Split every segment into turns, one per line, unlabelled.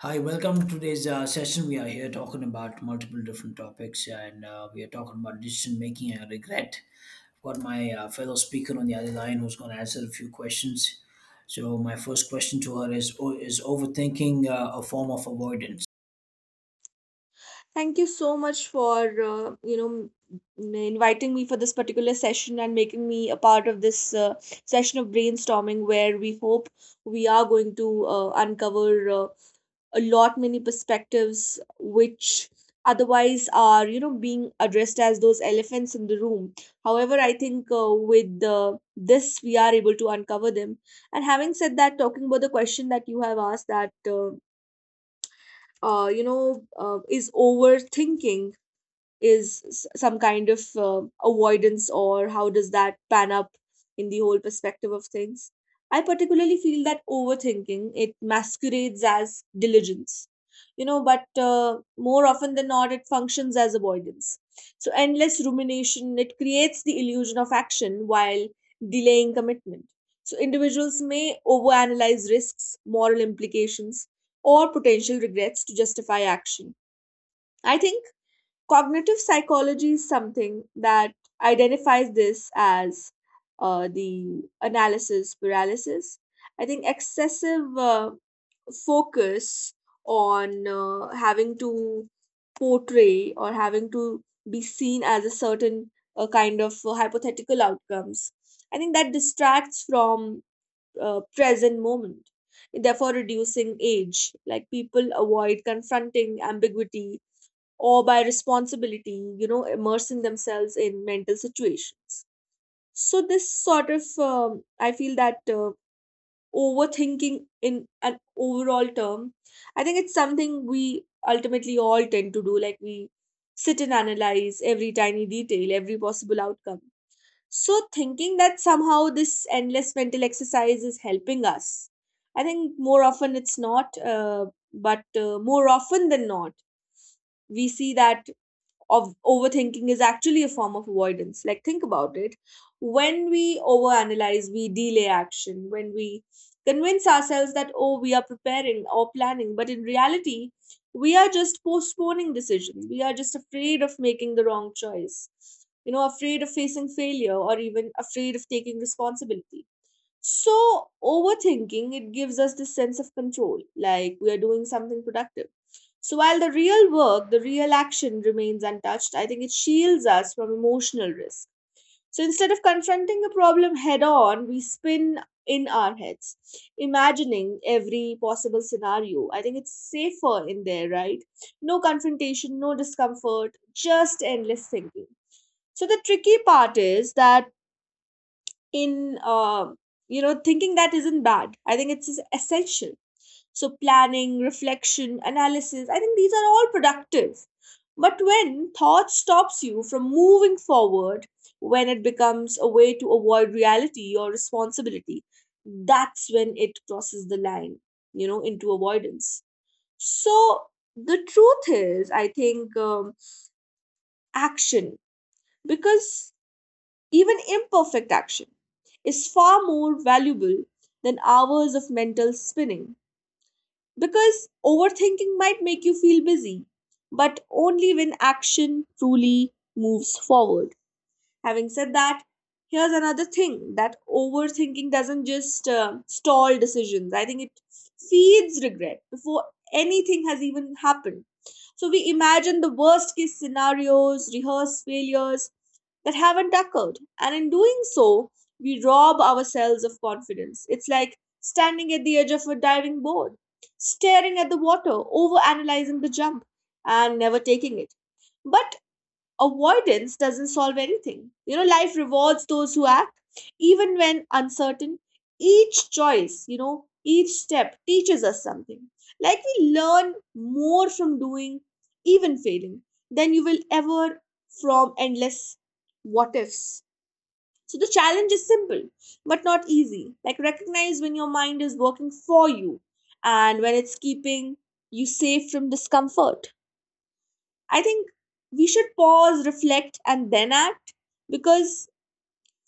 Hi, welcome to today's session. We are here talking about multiple different topics, and we are talking about decision making and regret. I've got my fellow speaker on the other line who's going to answer a few questions. So, my first question to her is Is overthinking a form of avoidance?
Thank you so much for inviting me for this particular session and making me a part of this session of brainstorming where we hope we are going to uncover uh, a lot many perspectives which otherwise are, you know, being addressed as those elephants in the room. However, I think with this we are able to uncover them. And having said that, talking about the question that you have asked, that uh, you know is overthinking some kind of avoidance, or how does that pan up in the whole perspective of things? I particularly feel that overthinking, it masquerades as diligence, you know, but more often than not it functions as avoidance. So endless rumination, it creates the illusion of action while delaying commitment. So individuals may overanalyze risks, moral implications, or potential regrets to justify action. I think cognitive psychology is something that identifies this as the analysis paralysis. I think excessive focus on having to portray or having to be seen as a certain kind of hypothetical outcomes. I think that distracts from present moment, therefore reducing age. Like, people avoid confronting ambiguity or by responsibility, you know, immersing themselves in mental situations. So this sort of, I feel that overthinking in an overall term, I think it's something we ultimately all tend to do. Like, we sit and analyze every tiny detail, every possible outcome. So thinking that somehow this endless mental exercise is helping us, I think more often it's not, but more often than not, we see that of overthinking is actually a form of avoidance. Like, think about it. When we overanalyze, we delay action. When we convince ourselves that, oh, we are preparing or planning, but in reality, we are just postponing decisions. We are just afraid of making the wrong choice, you know, afraid of facing failure or even afraid of taking responsibility. So overthinking, it gives us this sense of control, like we are doing something productive. So while the real work, the real action remains untouched, I think it shields us from emotional risk. So instead of confronting a problem head on, we spin in our heads, imagining every possible scenario. I think it's safer in there, right? No confrontation, no discomfort, just endless thinking. So the tricky part is that in you know, thinking that isn't bad. I think it's essential. So planning, reflection, analysis, I think these are all productive, but when thought stops you from moving forward, when it becomes a way to avoid reality or responsibility, that's when it crosses the line, you know, into avoidance. So the truth is, I think, action, because even imperfect action is far more valuable than hours of mental spinning, because overthinking might make you feel busy, but only when action truly moves forward. Having said that, here's another thing: that overthinking doesn't just stall decisions. I think it feeds regret before anything has even happened. So we imagine the worst case scenarios, rehearse failures that haven't occurred. And in doing so, we rob ourselves of confidence. It's like standing at the edge of a diving board, staring at the water, overanalyzing the jump, and never taking it. But avoidance doesn't solve anything. You know, life rewards those who act, even when uncertain. Each choice, you know, each step teaches us something. Like, we learn more from doing, even failing, than you will ever from endless what ifs. So the challenge is simple, but not easy. Like, recognize when your mind is working for you and when it's keeping you safe from discomfort. I think we should pause, reflect, and then act, because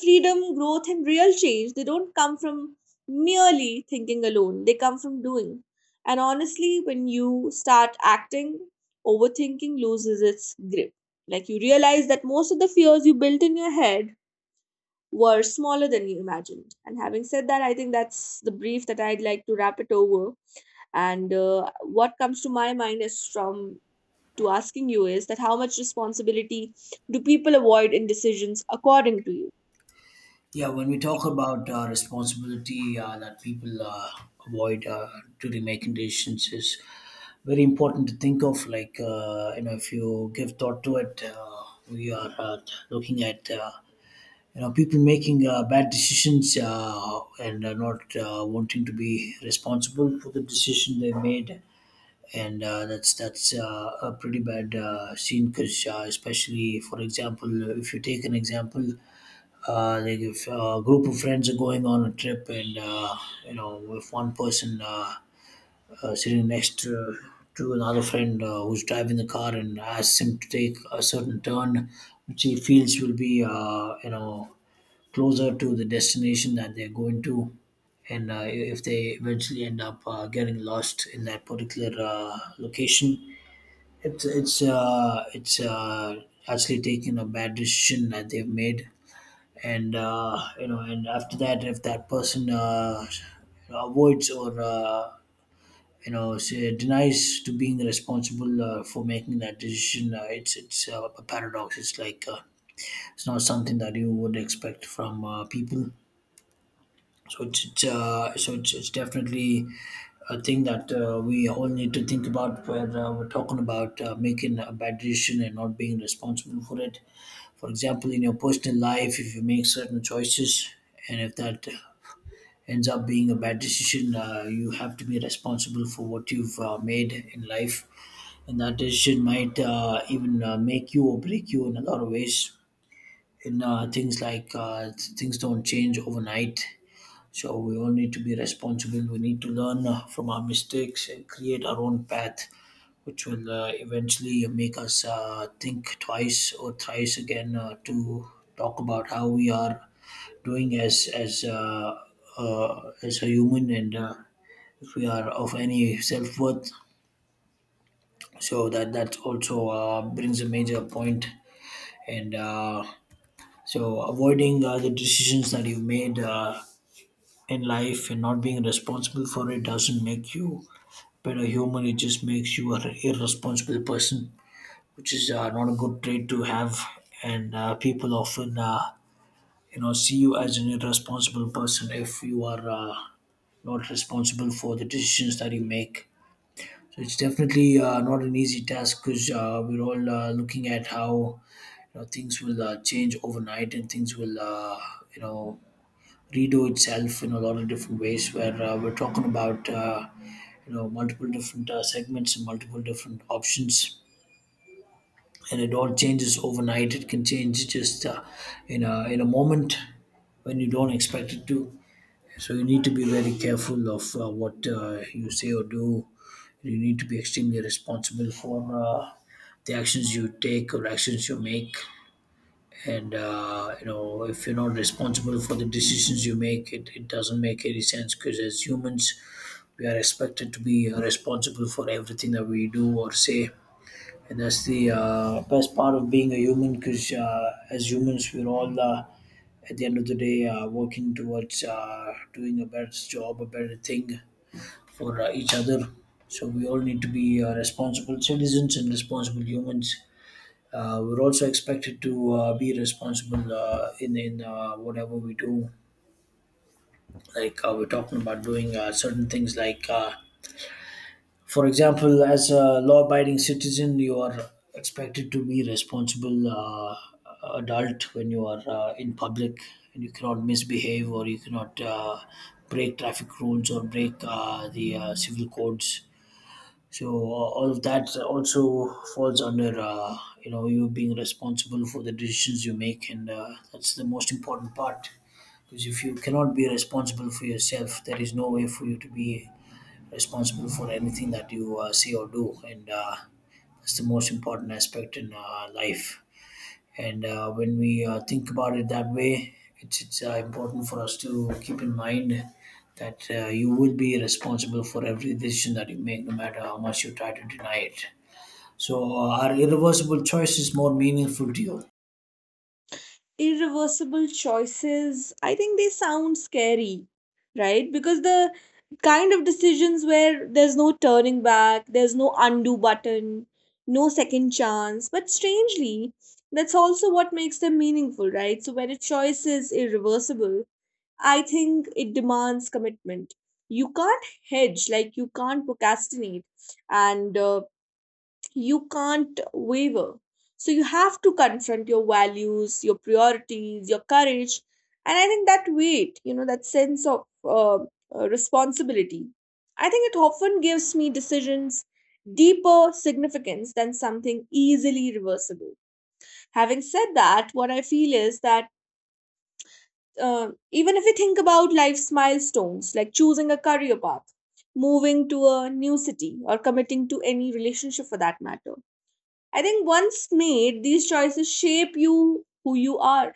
freedom, growth, and real change, they don't come from merely thinking alone, they come from doing. And honestly, when you start acting, overthinking loses its grip. Like, you realize that most of the fears you built in your head were smaller than you imagined. And having said that, I think that's the brief that I'd like to wrap it over. And what comes to my mind is from to asking you is that how much responsibility do people avoid in decisions, according to you?
Yeah, when we talk about responsibility that people avoid during making decisions, is very important to think of. Like, you know, if you give thought to it, we are looking at you know, people making bad decisions, and not wanting to be responsible for the decision they made, and that's that's a pretty bad scene. Because especially, for example, if you take an example, like if a group of friends are going on a trip and you know, if one person, sitting next to another friend who's driving the car and asks him to take a certain turn which he feels will be, you know, closer to the destination that they're going to, and if they eventually end up getting lost in that particular location, it's actually taking a bad decision that they've made. And you know, and after that, if that person avoids or you know, say, denies to being responsible for making that decision, it's a paradox. It's like it's not something that you would expect from people. So it's definitely a thing that we all need to think about, where we're talking about making a bad decision and not being responsible for it. For example, in your personal life, if you make certain choices and if that ends up being a bad decision, you have to be responsible for what you've made in life. And that decision might even make you or break you in a lot of ways. In things like, things don't change overnight, so we all need to be responsible. We need to learn from our mistakes and create our own path, which will eventually make us think twice or thrice again to talk about how we are doing as as a human. And if we are of any self worth. So that, that also brings a major point, and so avoiding the decisions that you made in life and not being responsible for it doesn't make you better human, it just makes you an irresponsible person, which is not a good trait to have. And people often, you know, see you as an irresponsible person if you are not responsible for the decisions that you make. So it's definitely not an easy task, because we're all looking at how, you know, things will change overnight, and things will, you know, redo itself in a lot of different ways, where we're talking about, you know, multiple different segments and multiple different options. And it all changes overnight. It can change just in a moment, when you don't expect it to. So you need to be very careful of what you say or do. You need to be extremely responsible for the actions you take or actions you make. And you know, if you're not responsible for the decisions you make, it doesn't make any sense. Because as humans, we are expected to be responsible for everything that we do or say. And that's the best part of being a human, because as humans, we're all at the end of the day working towards doing a better job, a better thing, for each other. So we all need to be responsible citizens and responsible humans. We're also expected to be responsible in in whatever we do. Like, we're talking about doing certain things, like, for example, as a law-abiding citizen, you are expected to be responsible adult when you are in public, and you cannot misbehave, or you cannot break traffic rules or break the civil codes. So all of that also falls under, you know, you being responsible for the decisions you make, and that's the most important part. Because if you cannot be responsible for yourself, there is no way for you to be responsible for anything that you say or do. And that's the most important aspect in life. And when we think about it that way, it's important for us to keep in mind that you will be responsible for every decision that you make, no matter how much you try to deny it. So, are irreversible choices more meaningful to you?
Irreversible choices, I think they sound scary, right? Because the kind of decisions where there's no turning back, there's no undo button, no second chance. But strangely, that's also what makes them meaningful, right? So when a choice is irreversible, I think it demands commitment. You can't hedge, like, you can't procrastinate. And you can't waver. So you have to confront your values, your priorities, your courage, and I think that weight, you know, that sense of responsibility, I think it often gives me decisions deeper significance than something easily reversible. Having said that, what I feel is that, even if we think about life's milestones, like choosing a career path, moving to a new city, or committing to any relationship, for that matter, I think once made, these choices shape you, who you are,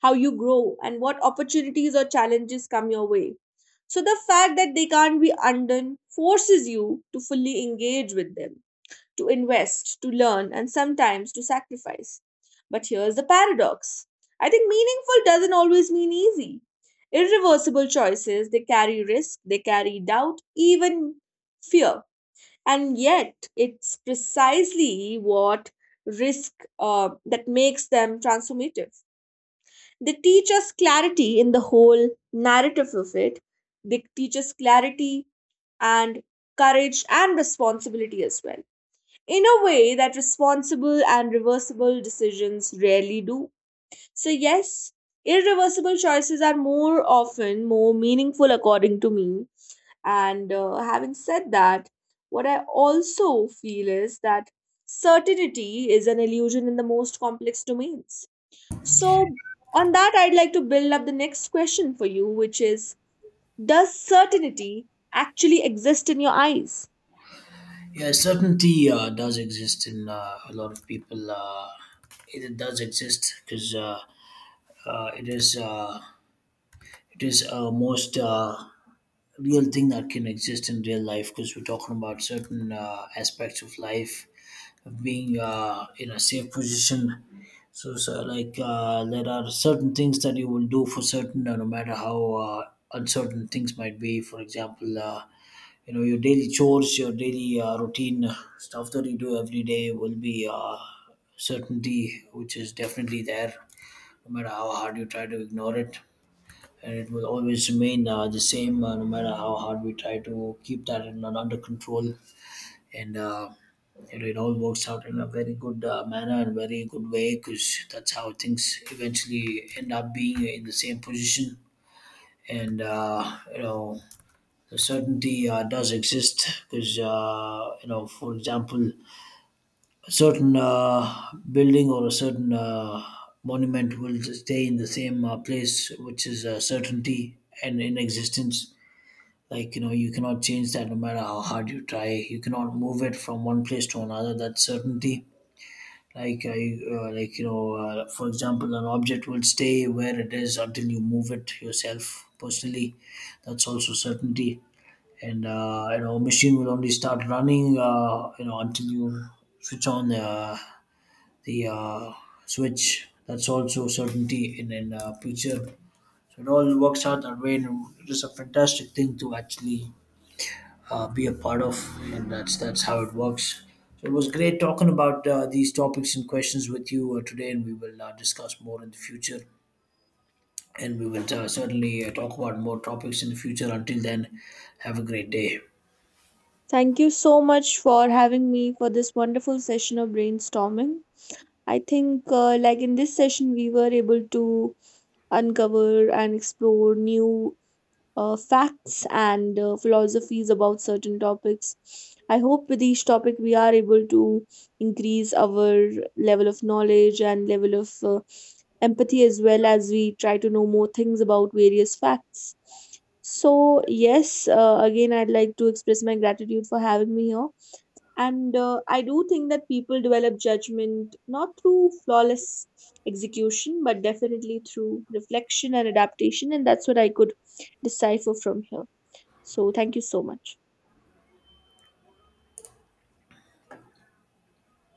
how you grow, and what opportunities or challenges come your way. So the fact that they can't be undone forces you to fully engage with them, to invest, to learn, and sometimes to sacrifice. But here's the paradox: I think meaningful doesn't always mean easy. Irreversible choices, they carry risk, they carry doubt, even fear, and yet it's precisely what risk that makes them transformative. They teach us clarity in the whole narrative of it. They teach us clarity and courage and responsibility as well, in a way that responsible and reversible decisions rarely do. So yes, irreversible choices are more often more meaningful, according to me. And having said that, what I also feel is that certainty is an illusion in the most complex domains. So on that, I'd like to build up the next question for you, which is, does certainty actually exist in your eyes?
Yeah, certainty does exist in a lot of people. It does exist because, it is. It is a most real thing that can exist in real life, because we're talking about certain aspects of life, of being in a safe position. So like, there are certain things that you will do for certain, no matter how uncertain things might be. For example, you know, your daily chores, your daily routine stuff that you do every day will be certainty, which is definitely there, no matter how hard you try to ignore it. And it will always remain the same, no matter how hard we try to keep that in, under control. And it all works out in a very good manner and very good way, because that's how things eventually end up being in the same position. And you know, the certainty does exist because, you know, for example, a certain building or a certain monument will stay in the same place, which is a certainty and in existence. Like, you know, you cannot change that, no matter how hard you try. You cannot move it from one place to another. That's certainty. Like you know, for example, an object will stay where it is until you move it yourself personally. That's also certainty. And you know, a machine will only start running, you know, until you switch on the the uh, switch. That's also certainty in in future. So it all works out that way. And it is a fantastic thing to actually be a part of, and that's how it works. So it was great talking about these topics and questions with you today, and we will discuss more in the future. And we will certainly talk about more topics in the future. Until then, have a great day.
Thank you so much for having me for this wonderful session of brainstorming. I think, like, in this session, we were able to uncover and explore new facts and philosophies about certain topics. I hope with each topic we are able to increase our level of knowledge and level of empathy, as well as we try to know more things about various facts. So yes, again, I'd like to express my gratitude for having me here. And I do think that people develop judgment not through flawless execution, but definitely through reflection and adaptation. And that's what I could decipher from here. So thank you so much.